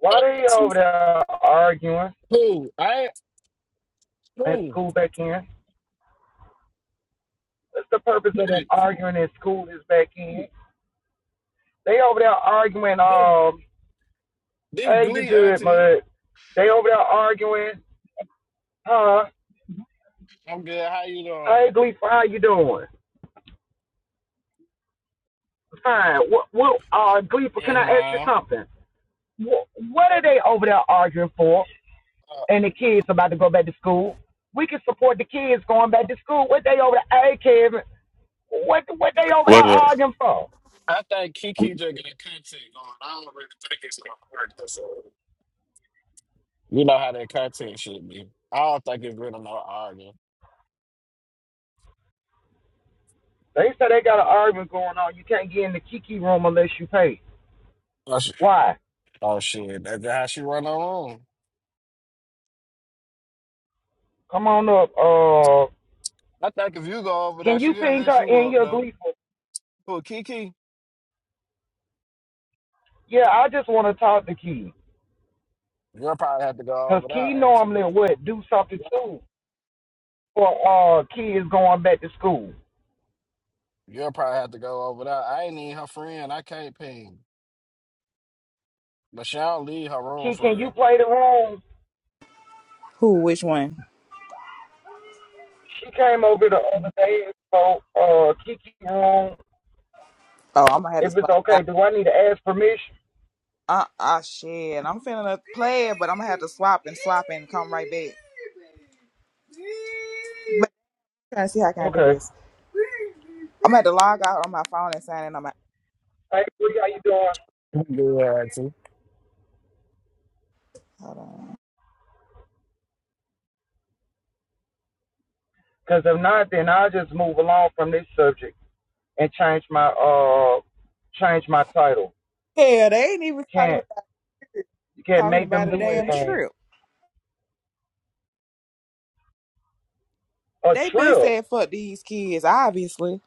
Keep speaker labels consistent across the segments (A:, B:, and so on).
A: Why they
B: auntie.
A: over there arguing
B: Who? I
A: at
B: who?
A: school back in? What's the purpose of them arguing at school is back in? They over there arguing,
B: This
A: um,
B: this
A: hey, you
B: Glee
A: good,
B: auntie.
A: mud? They over there arguing, huh?
B: I'm good. How you doing?
A: Hey, Gleeful, how you doing? Fine. What, what, uh, Gleeful, can
B: Yes,
A: I ask you
B: ma'am.
A: something? What, what are they over there arguing for?
B: Uh,
A: And the kids about to go back to school. We can support the kids going back to school. What they over there, hey, Kevin, what, what they over there
C: What? uh,
A: arguing for?
B: I think Kiki just got content going. I don't really think it's gonna work. That's You know how that content should be. I don't think it's really no arguing.
A: They say they got an argument going on. You can't get in the Kiki room unless you pay.
B: Oh, sh-
A: Why?
B: oh shit, that's how she run her room.
A: Come on up. Uh,
B: I think if you go over
A: can
B: there,
A: you
B: she'll
A: ping
B: let
A: her
B: you
A: in
B: up
A: your
B: though.
A: gleeful?
B: Who Kiki?
A: Yeah, I just want to talk to Key.
B: You'll probably have to go
A: Because
B: over
A: Key
B: there, auntie.
A: normally would do something too for uh, kids going back to school.
B: You'll probably have to go over there. I ain't even her friend. I can't ping, but she don't leave her room
A: Key, can
B: for
A: you
B: real.
A: play the room?
D: Who? Which one?
A: She came over the other day and spoke uh, Kiki room.
D: Oh, I'm gonna have to
A: If it's
D: swap. out.
A: okay, do I need to ask permission?
D: Uh, uh, shit. I'm finna play it, but I'm gonna have to swap and swap and come right back. But I'm trying to see how can I do
A: Okay.
D: this. I'm gonna have to log out on my phone and sign in on my.
A: Hey, Bree, how you doing?
B: Good,
D: Hold on.
A: Because if not, then I'll just move along from this subject. and change my uh change my title.
D: Hell, they ain't even
A: You
D: talking
A: can't
D: about it.
A: you can't
D: talking
A: make
D: about
A: them
D: a
A: do
D: damn
A: anything.
D: trip.
A: A
D: They been
A: trip.
D: said fuck these kids, obviously.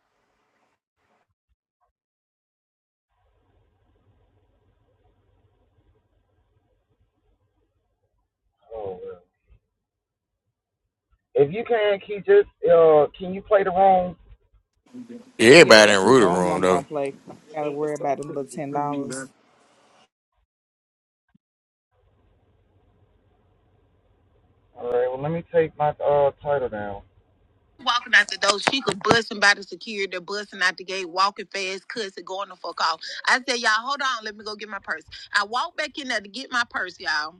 A: Oh, well. If you can, can you just uh can you play the room?
D: Yeah,
C: Everybody in
D: that's who
C: Rooter
D: room
C: Room
D: I'm
C: though.
D: gonna play. I gotta worry about them little ten dollars.
A: All right. Well, let me take my uh title down.
D: walking out the door. She could busting by the security, they're busting out the gate, walking fast, cussing, going the fuck off. I said, y'all, hold on, let me go get my purse. I walk back in there to get my purse, y'all.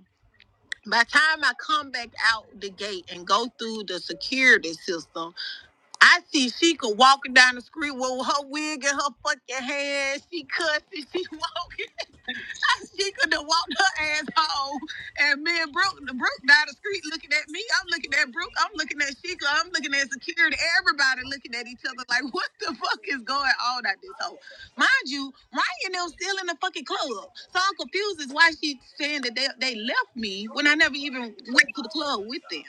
D: By the time I come back out the gate and go through the security system, I see Sheikah walking down the street with her wig in her fucking hand. She cussing, she walking. she could have walked her ass home. And me and Brooke, Brooke down the street looking at me. I'm looking at Brooke. I'm looking at Sheikah. I'm looking at security. Everybody looking at each other like, what the fuck is going on at this hole? Mind you, Ryan and them still in the fucking club. So I'm confused as why she saying that they, they left me when I never even went to the club with them.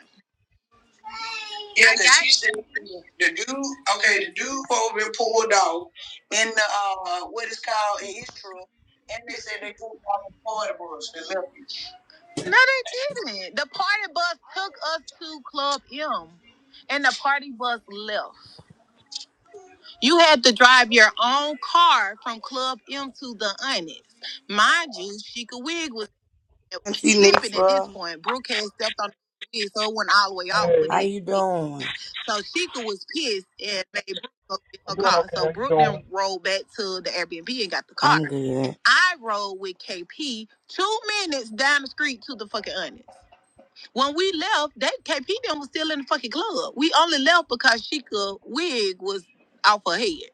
D: Yeah, because she said the dude, okay, the dude over been pulled off in the, uh, what is called in Israel, and they said they pulled off the party bus of it. No, they didn't. The party bus took us to Club M, and the party bus left. You had to drive your own car from Club M to the Onyx. Mind you, Chica Wig was
E: Auntie
D: flipping at this
E: Nitra,
D: point. Brooke had stepped on the wig, so it went all the way off, but
A: Hey,
E: how
D: it.
E: you doing?
D: So Sheikah was pissed and made Brooke go get
A: I'm
D: her
A: doing
D: car.
A: okay.
D: So
A: How you
D: Brooke
A: doing?
D: then rolled back to the Airbnb and got the car.
E: I'm good.
D: I rode with KP two minutes down the street to the fucking Onions. When we left, that KP then was still in the fucking club. We only left because Sheikah wig was off her head.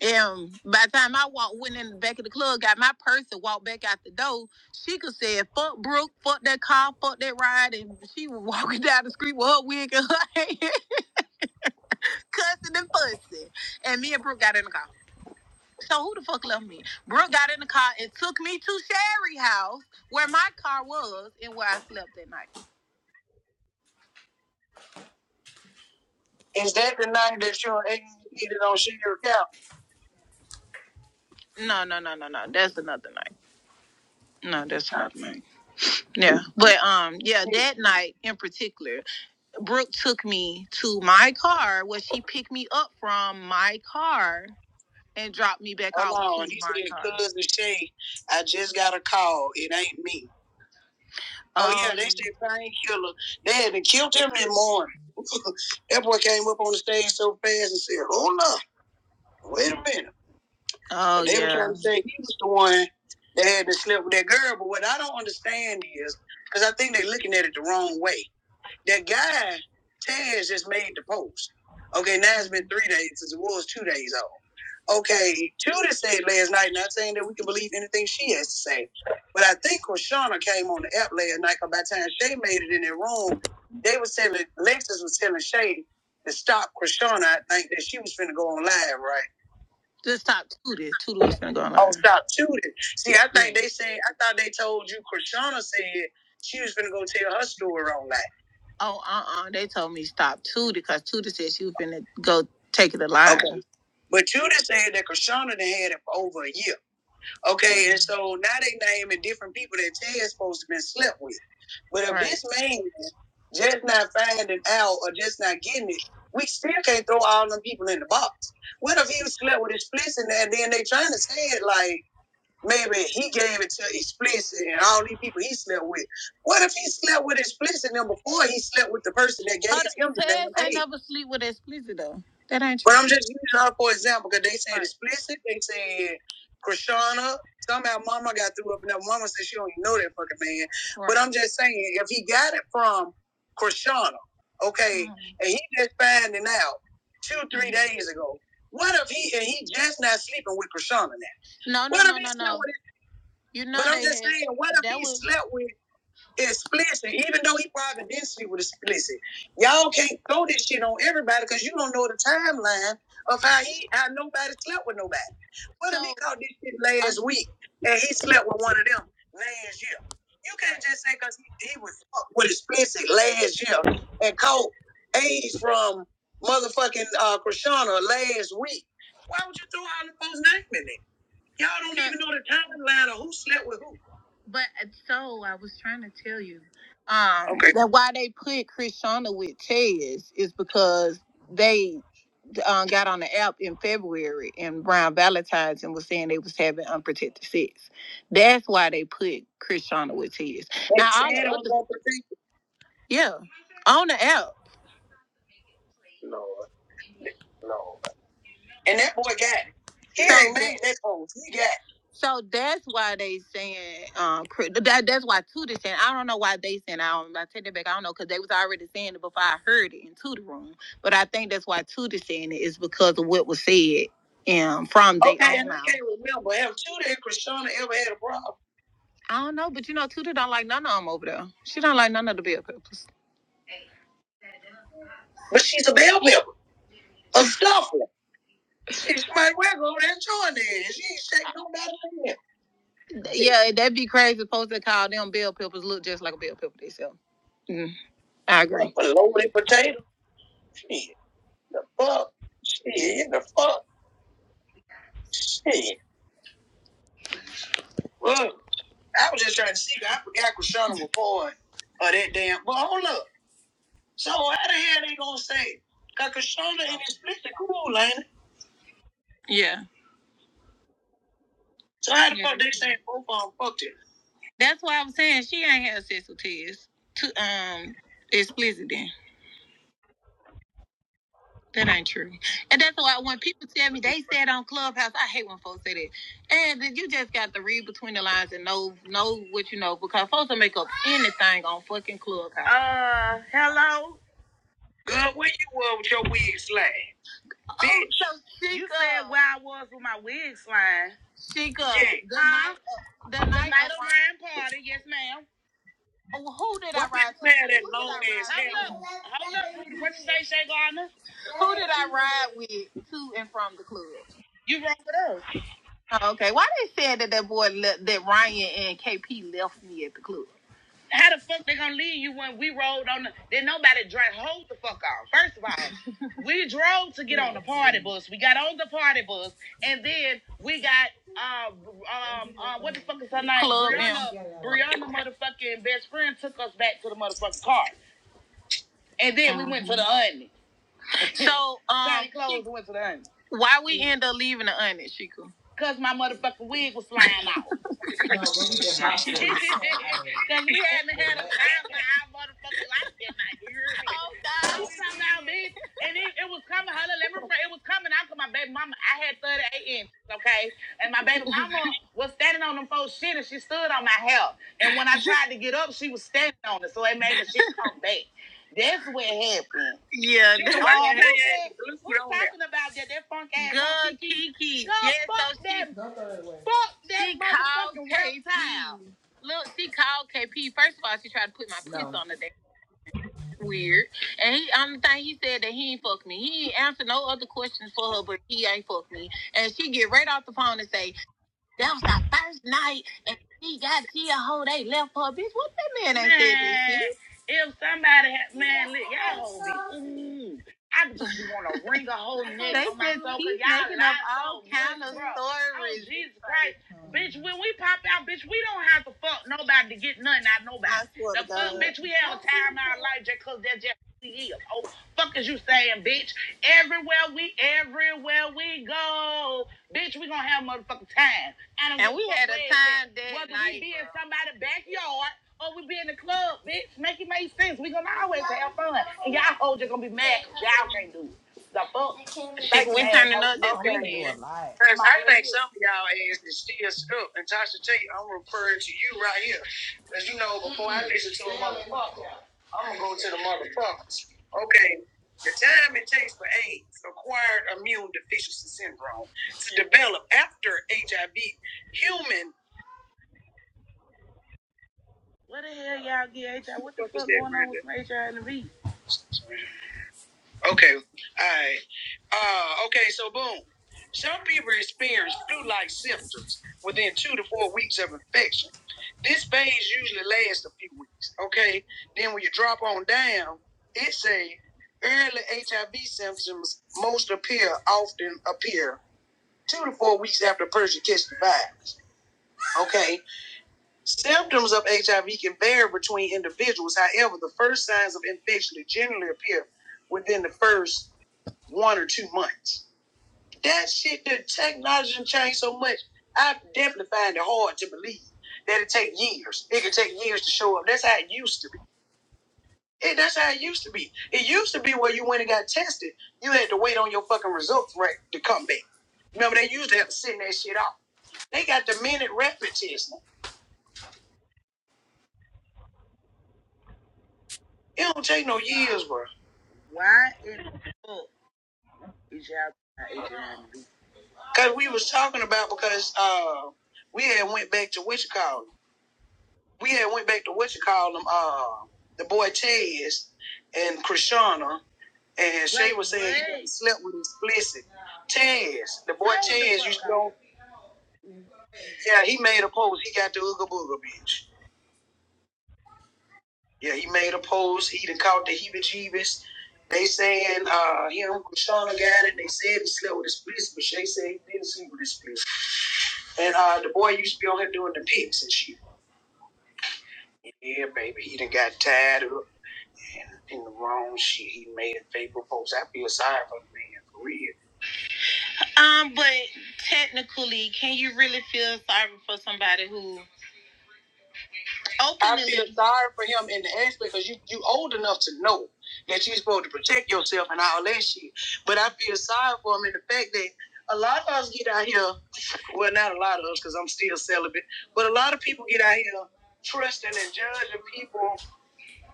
D: And by the time I walked, went in the back of the club, got my purse and walked back out the door, Sheikah said, fuck Brooke, fuck that car, fuck that ride. And she was walking down the street with her wig in her hand cussing and fussing. And me and Brooke got in the car. So who the fuck left me? Brooke got in the car and took me to Sherry house where my car was and where I slept that night. Is that the night that you and Aiden needed on Sherry's couch? No, no, no, no, no. That's another night. No, that's another night. Yeah. But um yeah, that night in particular, Brooke took me to my car where she picked me up from my car and dropped me back off. Hold on, he said, cousin Shay, I just got a call. It ain't me. Oh um, yeah, they said painkiller. They had to killed him that morning. that boy came up on the stage so fast and said, "Hold up, wait a minute." Oh they yeah. They were trying to say he was the one that had to sleep with that girl, but what I don't understand is because I think they're looking at it the wrong way. That guy, Taz, just made the post. Okay, now it's been three days since it was two days old. Okay, Tudor said last night, not saying that we can believe anything she has to say, but I think Krishana came on the app last night, because by the time Shay made it in their room, they was telling, Lexus was telling Shay to stop Krishana. I think that she was finna go on live, right? Just stop Tootie. Tootie was gonna go on live. Oh, stop shooting. See, I Yeah. think they said, I thought they told you, Krishana said she was going to go tell her story on live. Oh, uh uh They told me stop Tudor because Tudor said she was finna go take it to line. Okay. But Tudor said that Krishana done had it for over a year. Okay, and so now they naming different people that Ted's supposed to been slept with. But if Right. this man just not finding out or just not getting it, we still can't throw all them people in the box. What if he was slept with his splits in there and then they trying to say it like Maybe he gave it to explicit and all these people he slept with. What if he slept with explicit and before he slept with the person that gave Other him the damn They AIDS? never sleep with explicit though. That ain't true. But I'm just using her for example because they said right. explicit, they said Krishana. Somehow mama got through up and up. mama said she don't even know that fucking man. Right. But Right. I'm just saying, if he got it from Krishana, okay, Mhm. and he just finding out two, three Mhm. days ago, what if he and he just not sleeping with Krishana now? No, no, What if no, if he no, slept no. with You're But I'm just a saying, what if he was slept with explicit, even though he probably didn't sleep with explicit? Y'all can't throw this shit on everybody because you don't know the timeline of how he how nobody slept with nobody. What so, if he so caught this shit uh, last uh, week and he slept with one of them last year? You can't just say because he, he was fucked with explicit last year and caught AIDS from motherfucking uh Krishana last week. Why would you throw all the folks' name in there? Y'all don't even know the timeline of who slept with who. But uh, so I was trying to tell you, um, okay. that why they put Krishana with Tez is because they um, got on the app in February and Brown Valentine's and was saying they was having unprotected sex. That's why they put Krishana with Tez. now all the other- yeah, on the app. No, No. And that boy got it. He So ain't made that post. He got it. So that's why they saying um cri- that that's why Tudor saying I don't know why they saying I don't I take that back I don't know because they was already saying it before I heard it in Tudor room but I think that's why Tudor saying it is because of what was said um from they Okay, own and I mouth. can't remember. Have Tudor and Krishana ever had a problem? I don't know, but you know Tudor don't like none of them over there. She don't like none of the bell peppers. But she's a bell pepper, a stuffer. She might well go there and join there. She ain't shake nobody in there. Yeah, that'd be crazy. Supposed to call them bell peppers look just like a bell pepper themselves. Mm, I agree. A loaded potato. Shit. The fuck. Shit. The fuck. Shit. Look, I was just trying to see. I forgot Krishana was born. Or that damn. Well, hold up. So how the hell they gonna say? it? Cause Krishana and his sister cool, ain't it? Yeah. So how the fuck Yeah. fuck they saying both of them fucked it? That's why I was saying she ain't had sex with Tiz. To um explicit then. That ain't true. And that's why when people tell me they said on Clubhouse, I hate when folks say that. And then you just got to read between the lines and know know what you know because folks will make up anything on fucking Clubhouse. Oh, girl, where you were with your wig slang? Oh, bitch. so Chica, you said why? Chica, yeah. the huh? night, uh, the the night night of Ryan party, yes, ma'am. Oh, who did what I ride? with? that did long ass Hold up, hold up. Rudy. What you say, Shay Gardner? Who did I ride with to and from the club? You rode with us. Oh, Okay, why they said that that boy le- that Ryan and KP left me at the club? How the fuck they gonna leave you when we rolled on the then nobody drank. hold the fuck off. First of all, we drove to get on the party bus. We got on the party bus and then we got uh um uh what the fuck is her name? Club Brianna Brianna motherfucking best friend took us back to the motherfucking car. And then we went to the onion. So um, Same clothes and went to the onion. why we end up leaving the onion, Chico? Cause my motherfucking wig was flying out. Cause we hadn't had a time in our motherfucking life that night. You hear me? Oh God! It was coming out, bitch, and it, it was coming. Hello, let me. rephrase. It was coming out. cause my baby mama. I had 38 inches, okay, and my baby mama was standing on them four shit, and she stood on my hair. And when I tried to get up, she was standing on it, so it made the shit come back. That's what happened. Yeah, that's what happened. We're talking about that. That funk ass. Good Kiki. Kiki. yes, so she Fuck that She called motherfucking KP. Look, she called KP. First of all, she tried to put my puss No. on the day. Weird. And he on the thing he said that he ain't fuck me. He ain't answer no other questions for her, but he ain't fuck me. And she get right off the phone and say, that was our first night, and she got she a hoe. They left her, bitch. What that man ain't said this, bitch? If somebody had man, look, y'all hoes be ooh. I just want to wring a whole neck. They on my just soul, 'cause y'all making up all so kind of stories. Oh, Jesus Christ, Mm. bitch! When we pop out, bitch, we don't have to fuck nobody to get nothing out of nobody. the fuck, bitch, we have a time out of life just cause that's just who we is. Oh, fuck is you saying, bitch? Everywhere we, everywhere we go, bitch, we gonna have motherfucking time. And And we had a aware that time that whether night, we be in girl. somebody's backyard or we be in the club, bitch, make it make sense. We gonna always have fun. And y'all hoes just gonna be mad 'cause y'all can't do it. The fuck? Think we turning up this weekend. Because I think some of y'all ass is still stuck. And Tasha T, I'm referring to you right here. Because you know, before I listen to a motherfucker, I'm gonna go to the motherfuckers. Okay. The time it takes for AIDS, acquired immune deficiency syndrome, to develop after HIV, human. What the hell y'all get HIV? What the fuck going on with HIV Okay. Alright. Uh okay, so boom. Some people experience flu-like symptoms within two to four weeks of infection. This phase usually lasts a few weeks. Okay. Then when you drop on down, it say early HIV symptoms most appear often appear two to four weeks after a person catches the virus. Okay. Symptoms of HIV can vary between individuals. However, the first signs of infection generally appear within the first one or two months. That shit, the technology done changed so much. I definitely find it hard to believe that it take years. It could take years to show up. That's how it used to be. It, that's how it used to be. It used to be where you went and got tested, you had to wait on your fucking results right to come back. Remember, they used to have to send that shit off. They got the minute rapid test. It don't take no years, bro. Why in the fuck is y'all Because we was talking about because uh, we had went back to Wichita we had went back to what you call them, uh, the boy Tez and Krishana, and Shay was saying he done slept with explicit. Tez, the boy Tez used to go. Yeah, he made a post. He got the Ooga Booga bitch. Yeah, he made a post. He done caught the heebie jeebies. They saying uh, him Krishana got it. They said he slept with explicit, but Shay said he didn't sleep with explicit. And uh, the boy used to be on here doing the pics and shit. Yeah, baby, he done got tired. of in in the wrong shit. He made a paper post. I feel sorry for the man for real. Um, but technically, can you really feel sorry for somebody who openly? I feel sorry for him in the aspect because you you old enough to know that you're supposed to protect yourself and all that shit. But I feel sorry for him in the fact that. A lot of us get out here, well, not a lot of us because I'm still celibate, but a lot of people get out here trusting and judging people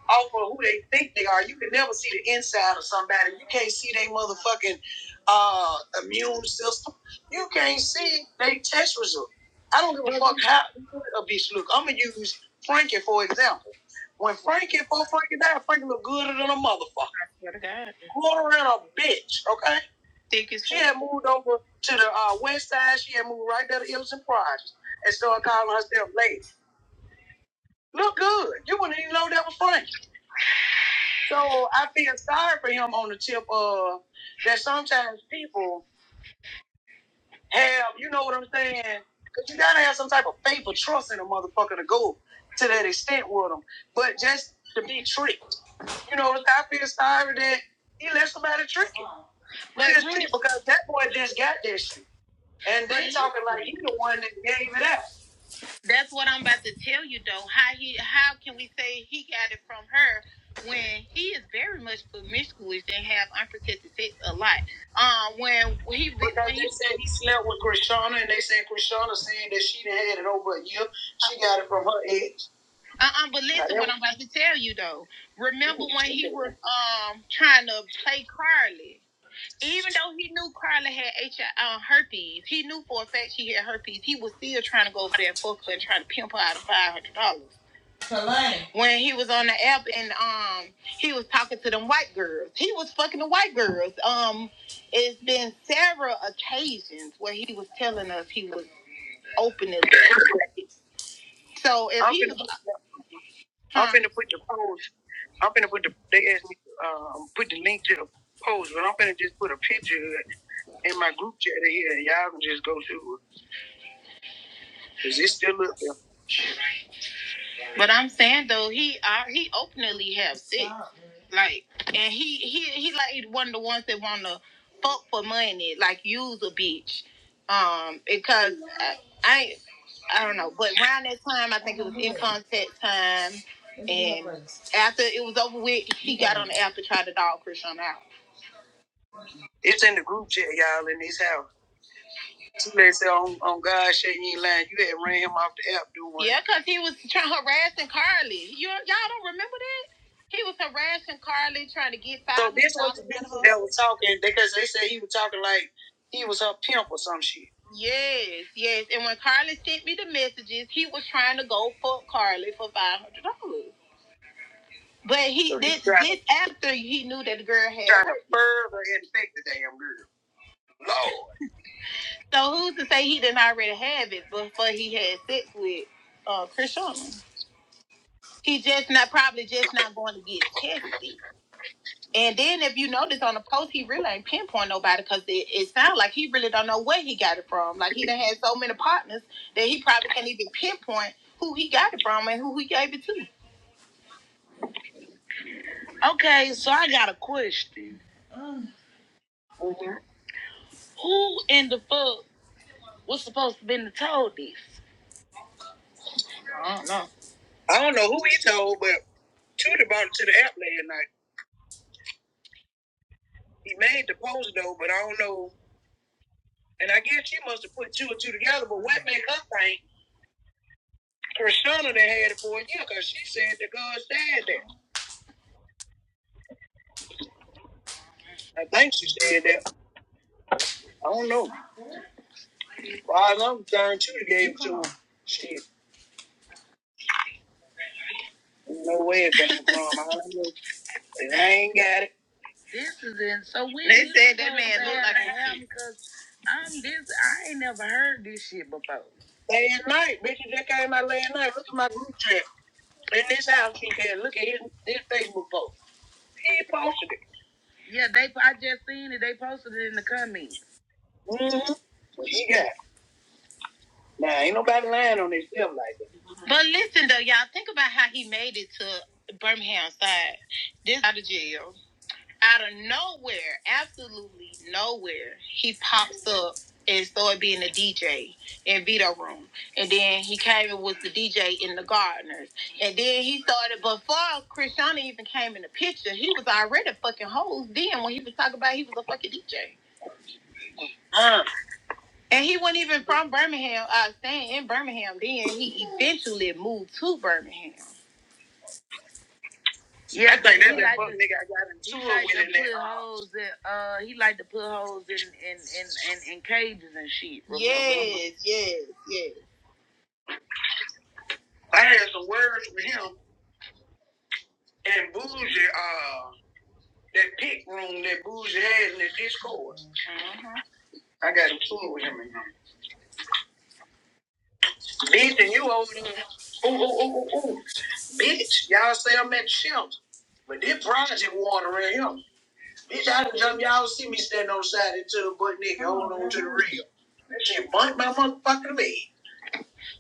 D: off of who they think they are. You can never see the inside of somebody. You can't see their motherfucking uh, immune system. You can't see their test result. I don't give a fuck how a bitch look. I'm gonna use Frankie for example. When Frankie, before Frankie died, Frankie looked gooder than a motherfucker. God. Gooder than a bitch, okay? Thick as She had moved over to the uh, west side. She had moved right there to Illis and and started calling herself lady. Look good. You wouldn't even know that was Frankie. So I feel sorry for him on the tip of that sometimes people have, you know what I'm saying? Because you gotta have some type of faith or trust in a motherfucker to go to that extent with him. But just to be tricked, you know, I feel sorry that he let somebody trick him. He was tricked because that boy just got this shit. And they talking like he the one that gave it out. That's what I'm about to tell you though. How he how can we say he got it from her when he is very much promiscuous and have unprotected sex a lot? Um when when he Because when he they said he slept with Krishana and they said Krishana saying that she done had it over a year. She got it from her ex. Uh Uh-uh, uh, but listen what I'm about to tell you though. Remember when he was um trying to play Carly? even though he knew Carla had HIV, um, herpes, he knew for a fact she had herpes. He was still trying to go over there and fuck her and try to pimp her out of five hundred dollars. When he was on the app and um, he was talking to them white girls. He was fucking the white girls. Um, it's been several occasions where he was telling us he was opening. So if I'm he finna, was, huh? I'm huh? finna put the post. I'm finna put the. They asked me um, put the link to the post, but I'm finna just put a picture. in my group chat here, and y'all can just go to it. Cause it's still up there. But I'm saying though, he uh, he openly have sex, like, and he he he like one of the ones that wanna fuck for money, like use a bitch, um, because I I, I don't know, but around that time I think it was in contact time, and after it was over with, he got on the app to try to dog Krishan out. It's in the group chat, y'all, in his house. Listen, on, on God shit, you ain't lying. You had ran him off the app doing one. Yeah, because he was trying harassing Carly. You y'all don't remember that? He was harassing Carly, trying to get five. So this was the people that was talking because they said he was talking like he was her pimp or some shit. Yes, yes. And when Carly sent me the messages, he was trying to go fuck Carly for five hundred dollars. But he So did this after he knew that the girl had trying to further infect the damn girl. No. So who's to say he didn't already have it before he had sex with uh Chris Sherman? He just not probably just not going to get tested. And then if you notice on the post, he really ain't pinpoint nobody because it, it sounds like he really don't know where he got it from. Like he done had so many partners that he probably can't even pinpoint who he got it from and who he gave it to. Okay, so I got a question. Mm-hmm. Who in the fuck was supposed to been told this? I don't know. I don't know who he told, but Tudor brought it to the app last night. He made the post though, but I don't know. And I guess she must have put two and two together. But what made her think Persona that had it for a year? Because she said the God said that. I think she said that. I don't know. As far as I'm concerned, Tudor gave it to him. Shit. No way it got from. I don't know. I ain't got it. This is in. So weird. They said that man looked like a I'm this. I ain't never heard this shit before. Last night, bitch, it just came out last night. Look at my group chat. In this house, she can look at his, his Facebook post. He posted it. Yeah, they. I just seen it. They posted it in the comments. Mm-hmm. What he got? Nah, ain't nobody lying on himself like that. But listen though, y'all think about how he made it to Birmingham side. This out of jail. out of nowhere, absolutely nowhere, he pops up and started being a DJ in Vito Room. And then he came and was the DJ in the Gardeners. And then he started before Krishana even came in the picture, he was already fucking hosed then when he was talking about he was a fucking DJ. Uh. And he wasn't even from Birmingham, uh staying in Birmingham then. He eventually moved to Birmingham. Yeah, I think that's that like fuck nigga I got in he into it like to put that uh hoes in uh he like to put hoes in in in in, in cages and shit. Remember? Yes, yes, yes. I had some words with him and Bougie, uh, that pick room that Bougie had in the Discord. Mhm. I got into it with him and him. Bitch, and you old nigga. Ooh, ooh, ooh, ooh, ooh. Bitch, y'all say I'm at the shelter. But this project water around here. Bitch, I done jumped. Y'all see me standing on the side until a butt nigga holding on to the rail. That shit burnt my motherfucking leg.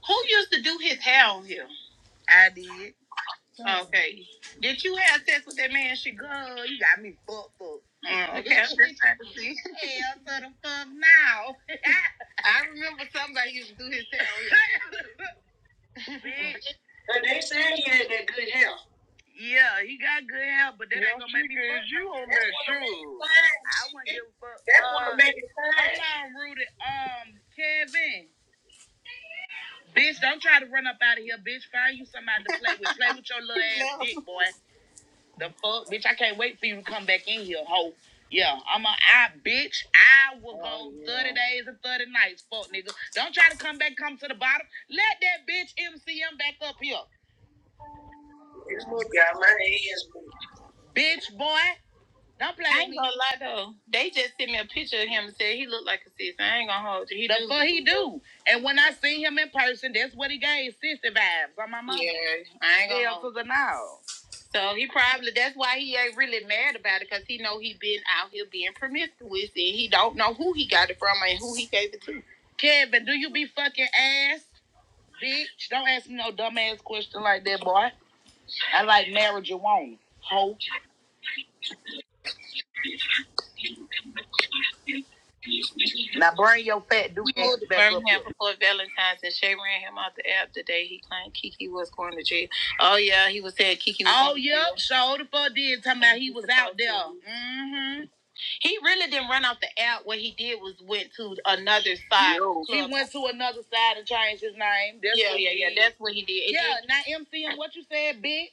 D: Who used to do his hair on him? I did. Okay. Did you have sex with that man? She go, you got me fucked up. Mm, okay, I'm just trying to see. Hell to the fuck now. I remember somebody used to do his hair. on him. But they said he had that good hair. Yeah, he got good hair, but that ain't gonna make me fuck. with You on that shoe? I wouldn't give a fuck. That's what uh, make it fine. Hold on, Rudy. Um, Kevin. Bitch, don't try to run up out of here, bitch. Find you somebody to play with. Play with your little ass dick, boy. The fuck, bitch. I can't wait for you to come back in here, hoe. Yeah, I'm a I bitch. I will go Oh, yeah. 30 days and 30 nights, fuck nigga. Don't try to come back, come to the bottom. Let that bitch MCM back up here. This boy Got my hands moving. Bitch, boy. Don't play I ain't gonna lie though. They just sent me a picture of him and said he looked like a sis. I ain't gonna hold you. He the do. fuck he do. And when I seen him in person, that's what he gave sissy vibes on my mom. Yeah, I ain't gonna Hell hold to now. So he probably that's why he ain't really mad about it because he know he been out here being promiscuous and he don't know who he got it from and who he gave it to. Kevin, do you be fucking ass, bitch? Don't ask me no dumb ass question like that, boy. I like marijuana. Ho. Now bring your fat dude. We moved to Birmingham before Valentine's and Shay ran him out the app the day he claimed Kiki was going to jail. Oh yeah, he was saying Kiki was Oh yeah, so the fuck did talking about he was out there. Mm-hmm. He really didn't run off the app. What he did was went to another side. No. He went to another side and changed his name. That's yeah, yeah, yeah. That's what he did. It yeah, did- not MCM what you said, bitch.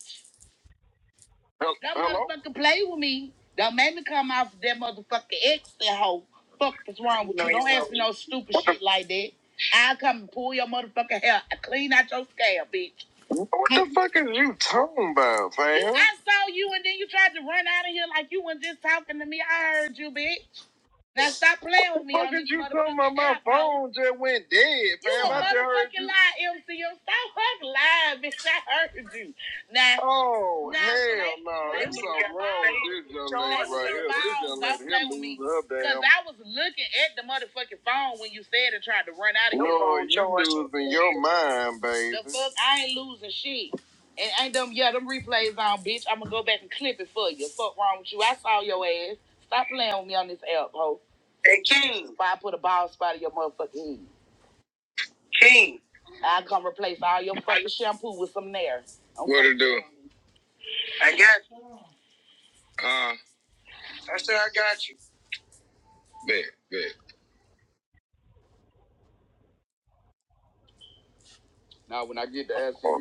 D: Hello? That motherfucker play with me. Don't make me come off that motherfucker ex that hoe. Fuck what's wrong with you? No, Don't ask me no stupid What the- shit the... like that. I'll come and pull your motherfucking hair. I clean out your scalp, bitch. What the fuck is you talking about, fam? I saw you and then you tried to run out of here like you was just talking to me. I heard you, bitch. Now stop playing with me. How could you come about my phone just went dead, You fam? You a I just heard motherfucking you. lie, MCM. Stop fucking lying, bitch. I heard you. Now, Oh hell no, play something wrong this young Play lady right here. This young Don't lady here play with me. lose her damn. Cause I was looking at the motherfucking phone when you said and tried to run out of your No, phone. you losing your mind, baby. The fuck? I ain't losing shit. And ain't them yeah, them replays on, bitch. I'ma go back and clip it for you. Fuck wrong with you. I saw your ass. Stop playing with me on this app, ho. Hey, King. Why I put a bald spot in your motherfucking head. King. I come replace all your fucking shampoo with some Nair. Okay. What it do? I got you. Uh, I said I got you. Bet, bet.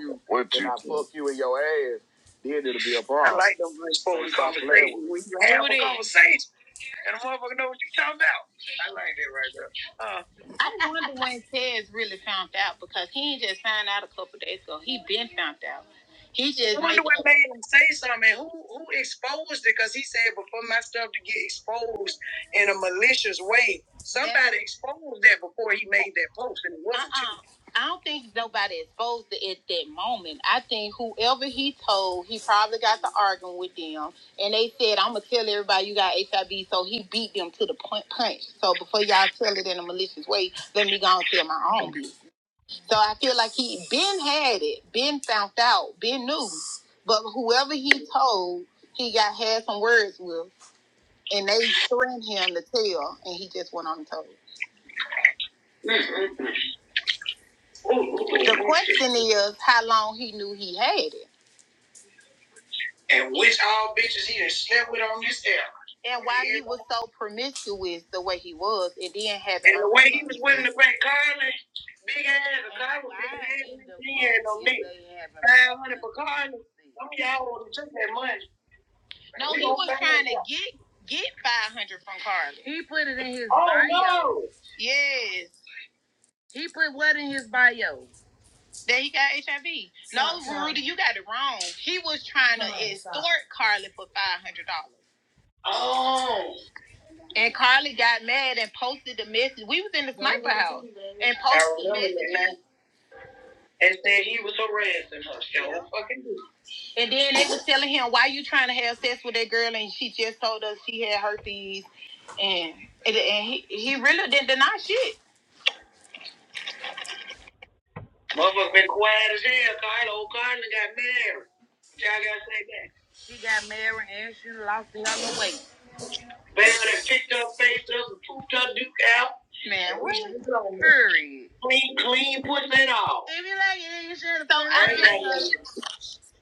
D: You- What you? I, fuck I like them rich folks conversations. When you have a conversation and a motherfucker know what you talking about. I like that right there. Uh, I wonder when Tez really found out because he ain't just found out a couple days ago. He been found out. He just I wonder what made him say something. Who who exposed it? Because he said before my stuff to get exposed in a malicious way. That's Somebody Yeah. exposed that before he made that post, and it wasn't you. uh-uh. I don't think nobody exposed it at that moment. I think whoever he told, he probably got to arguing with them, and they said, "I'm gonna tell everybody you got HIV." So he beat them to the point punch. So before y'all tell it in a malicious way, let me go and tell my own. So I feel like he Ben had it, Ben found out, Ben knew. But whoever he told, he got had some words with, and they threatened him to tell, and he just went on and told. The question is how long he knew he had it. and which all bitches he done slept with on this era. And why he was so promiscuous the way he was, and then having and the way he was wearing the great Carly, big ass and Carly, big ass, he had no neck. Five hundred for Carly. Some of y'all would have took that money. No, he was trying to get get five hundred from Carly. He put it in his oh, bio. Oh No. Yes. He put what in his bio? That he got HIV. No, Rudy, you got it wrong. He was trying to extort Carly for $500. Oh. And Carly got mad and posted the message. We was in the sniper house and posted the message. And said he was harassing her. She don't fucking do it. And then they was telling him, "Why you trying to have sex with that girl?" And she just told us she had herpes, and and, he, he really didn't deny shit. Motherfucker been quiet as hell. Carla, old Carla got married. Y'all gotta say that. She got married and she lost the hell weight. Baby, that picked her face up and pooped her duke out. Man, what? Period. Clean, clean pussy and all. If you like it, then you should have. So I've been,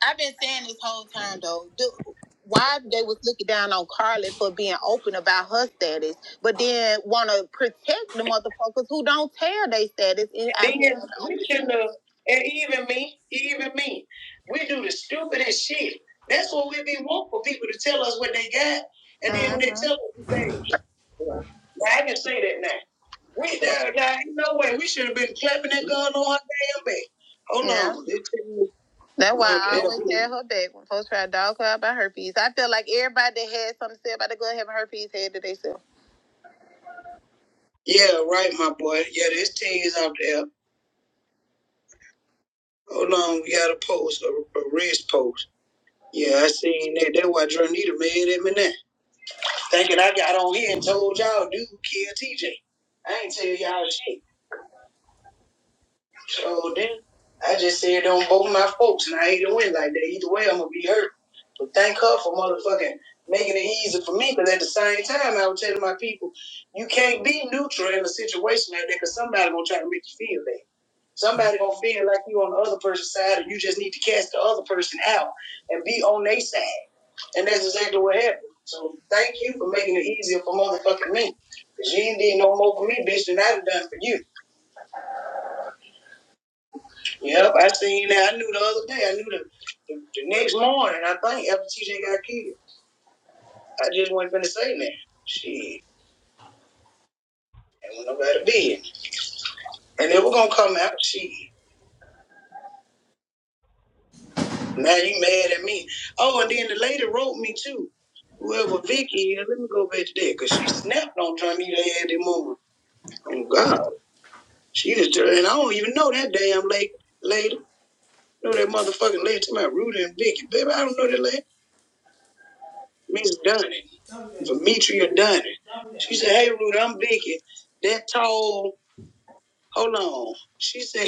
D: I've been saying this whole time though. Do, why they was looking down on Carly for being open about her status, but then want to protect the motherfuckers who don't tell their status. And I- Then we shouldn't have, and even me, even me, we do the stupidest shit. That's what we be want for people to tell us what they got, and then when they Mhm. tell us, now, I can say that now. We there now. Ain't no way we should have been clapping that gun on her damn back. Hold on. Yeah. It- That's why I always had her back when folks try to dog her out by herpes. I feel like everybody that had something to say about the gun having herpes had to themselves. Yeah, right, my boy. Yeah, this thing is out there. Hold on, we got a post, a, a wrist post. Yeah, I seen that. That's why Dronita mad at me now. Thinking I got on here and told y'all, dude, kill TJ. I ain't tell y'all shit. So then I just said on both my folks and I hate to win like that. Either way I'm gonna be hurt. But thank her for motherfucking making it easy for me because at the same time I was telling my people, you can't be neutral in a situation like that because somebody gonna try to make you feel bad. Somebody gonna feel like you on the other person's side and you just need to cast the other person out and be on their side. And that's exactly what happened. So thank you for making it easier for motherfucking me. Cause you ain't did no more for me, bitch, than I done done for you. Yep, I seen that. I knew the other day. I knew the, the, the next morning. I think after TJ got killed, I just wasn't finna say nothing. Shit, and went over to bed, and they were gonna come out. Shit, now you mad at me? Oh, and then the lady wrote me too. Whoever Vicky is, let me go back to that because she snapped on trying to eat her head that movie. Oh God, she just turned, and I don't even know that damn lady. Lady, You know that motherfucking lady to my Rudy and Vicky, baby. I don't know that lady. Miss Dunning, Demetria Dunning. She said, Hey Rudy, I'm Vicky. That tall, hold on. She said,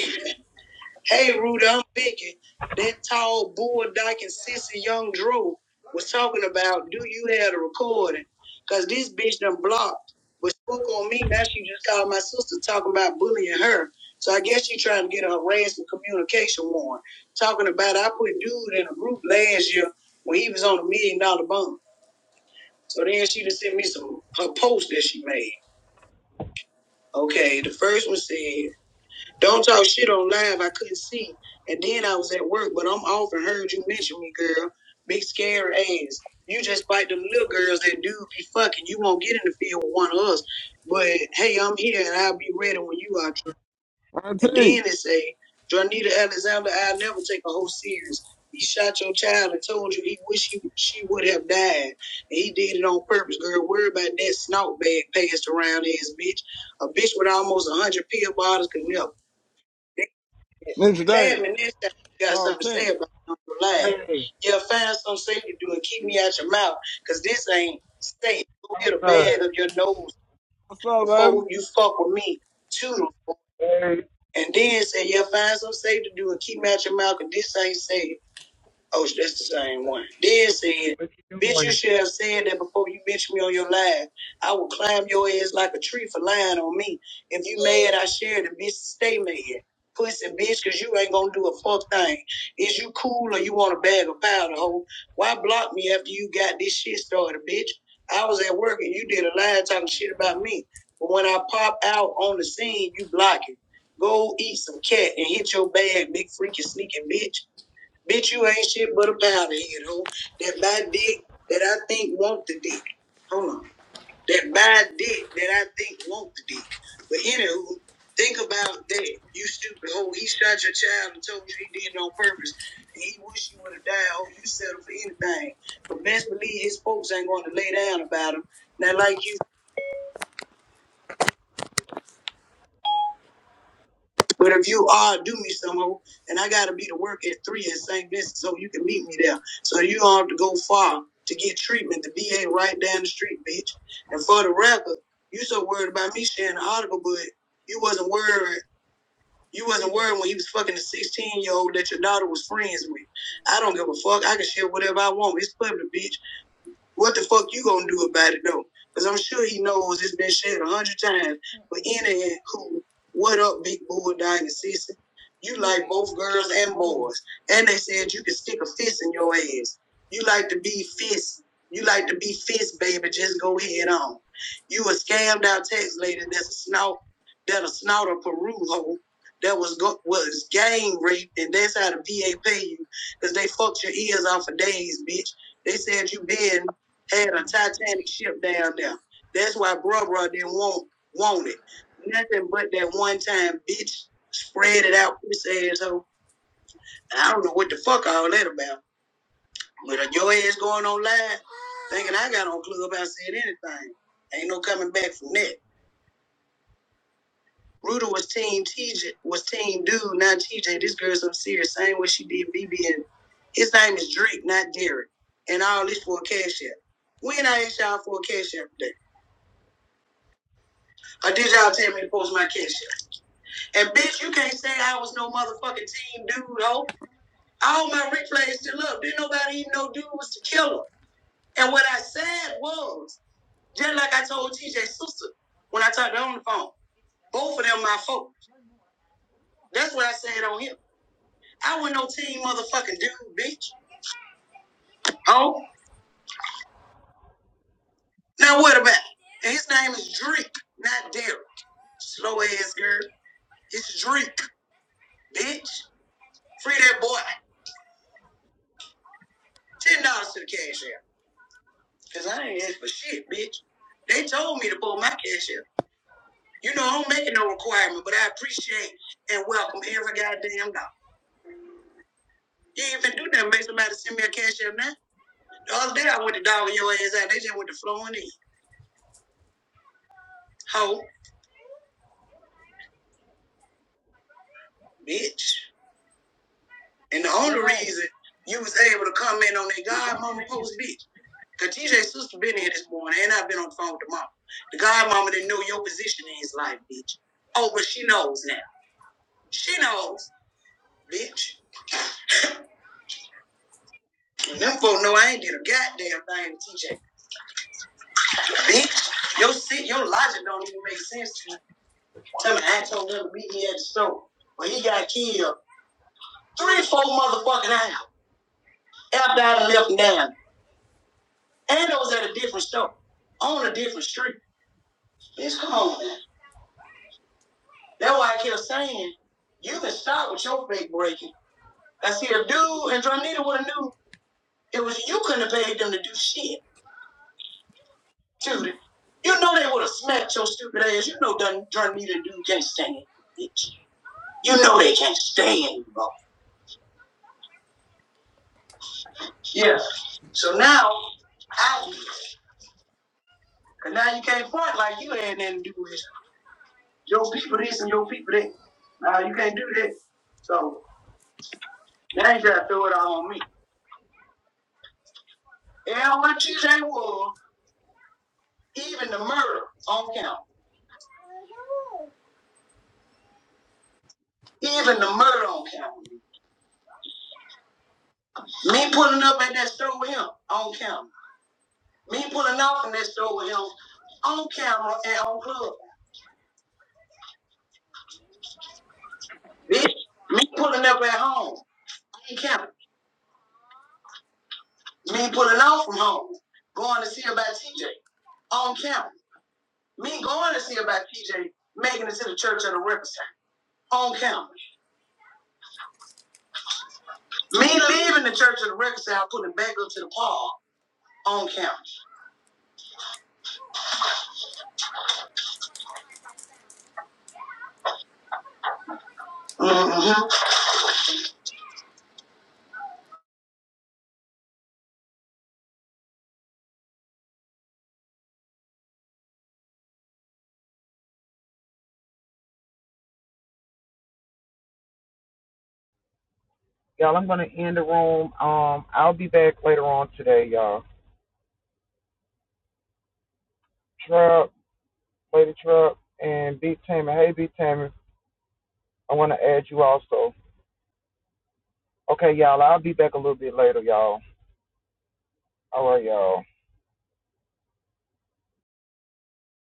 D: Hey Rudy, I'm Vicky. That tall bulldog and sissy young Drew was talking about, do you have the recording? Cause this bitch done blocked. But spoke on me. Now she just called my sister talking about bullying her. So I guess she trying to get a harassment communication warrant. Talking about I put dude in a group last year when he was on a million dollar bond. So then she just sent me some her post that she made. Okay, the first one said, "Don't talk shit on live. I couldn't see, and then I was at work, but I'm off and heard you mention me, girl. Big scary ass. You just fight them little girls that do be fucking. You won't get in the field with one of us. But hey, I'm here and I'll be ready when you are." And
F: 19.
D: then they say, Dronita Alexander, I'll never take a whole serious. He shot your child and told you he wish he, she would have died. And he did it on purpose, girl. Worry about that snout bag passed around his bitch. A bitch with almost 100 pill bottles could never. They
F: Ninja Dave.
D: tag me next time you got
F: Call
D: something to say
F: 10.
D: about your life.
A: Hey,
D: Yeah, find some safe to do and keep me out your mouth, 'cause this ain't safe. Go
A: I'm
D: hit a
A: good.
D: bag of your nose
F: What's up, baby?
D: before you fuck with me. Toodles.
A: Hey,
D: And then said, yeah, find something safe to do and keep out your mouth 'cause this ain't safe. Oh, that's the same one. Then said,
A: what you
D: bitch, you
A: doing?
D: should have said that before you bitch me on your live. I will climb your ass like a tree for lying on me. If you mad, I share the bitch stay mad. Pussy bitch, cause you ain't gonna do a fuck thing. Is you cool or you want a bag of powder, hoe? Why block me after you got this shit started, bitch? I was at work and you did a live talking shit about me. But when I pop out on the scene, you block it. Go eat some cat and hit your bag, big freaking sneaking bitch. Bitch, you ain't shit but a powder head, hoe. That bad dick that I think want the dick. Hold on. That bad dick that I think want the dick. But anywho, think about that. You stupid hoe. He shot your child and told you he did it on purpose. And he wish you would have died. Oh, you settle for anything. But best believe his folks ain't going to lay down about him. Now, like you But if you are do me some somehow, and I gotta be to work at three at St. Vincent, so you can meet me there. So you don't have to go far to get treatment. The BA right down the street, bitch. And for the record, you so worried about me sharing the article, but you wasn't worried. You wasn't worried when you was fucking a 16 year old that your daughter was friends with. I don't give a fuck. I can share whatever I want. It's public, bitch. What the fuck you gonna do about it though? Because I'm sure he knows it's been shared a hundred times. But any who, what up, big boy, dying sister? You like both girls and boys, and they said you can stick a fist in your ass. You like to be fist. You like to be fist, baby. Just go head on. You a scammed out tax lady that's a snout, that a snout or Peru hoe that was go- was gang raped, and that's how the VA pay you because they fucked your ears off for days, bitch. They said you bed had a Titanic ship down there. That's why Brubra didn't want want it. Nothing but that one time bitch spread it out for this asshole. And I don't know what the fuck all that about. But your ass going on live, thinking I got on Clubhouse said anything. Ain't no coming back from that. Ruta was team TJ was team dude, not TJ. This girl's some serious. Same way she did B B. and his name is Drake, not Derek. And all this for a cash app. When I asked y'all for a cash app today. Or did y'all tell me to post my cash app? And bitch, you can't say I was no motherfucking team dude, ho. All my replays still up. Didn't nobody even know dude was the killer. And what I said was, just like I told TJ's sister when I talked to her on the phone, both of them my folks. That's what I said on him. I was no team motherfucking dude, bitch. Oh, now what about it? And his name is Drake, not Derek. Slow ass girl. It's Drake, bitch. Free that boy. $10 to the cash app. Cause I ain't asked for shit, bitch. They told me to pull my cash out. You know, I don't make it no requirement, but I appreciate and welcome every goddamn dog. You ain't even do nothing, make somebody send me a cash out now. The other day I went to dog your ass out, they just went to flowing in. Ho, bitch. And the only Right. reason you was able to comment on that godmama post, bitch, cause TJ's sister been here this morning and I've been on the phone with the mama. The godmama didn't know your position in his life, bitch. Oh, but she knows now. She knows, bitch. Them folk know I ain't did a goddamn thing to TJ. Bitch, your sit, your logic don't even make sense to me. Tell me I told him to meet me at the store. When he got killed, three, four motherfucking hours after I done left down. And I was at a different store, on a different street. Bitch, come on, man. That's why I kept saying, you can stop with your fake breaking. I see a dude and Dronita would have knew it was you couldn't have paid them to do shit. Excuse You know they would have smacked your stupid ass. You know Dun Dun Need and Dude can't stand it, bitch. You know they can't stand you, bro. Yeah. So now I did. Cause now you can't front like you had nothing to do with your people this and your people that. Now you can't do that. So now you gotta throw it all on me. And what TJ was, even the murder on count. Even the murder on count. Me pulling up at that store with him on count. Me pulling off in that store with him on camera and on club. Bitch, me pulling up at home on camera. Me pulling off from home, going to see about TJ on camera. Me going to see about TJ making it to the church at the record sale on camera. Me leaving the church at the record sale, putting it back up to the park on camera. Mhm.
A: Y'all, I'm gonna end the room. Um, I'll be back later on today, y'all. Truck, Lady Truck, and B Tammy. Hey, B Tammy, I wanna add you also. Okay, y'all. I'll be back a little bit later, y'all. All right, y'all.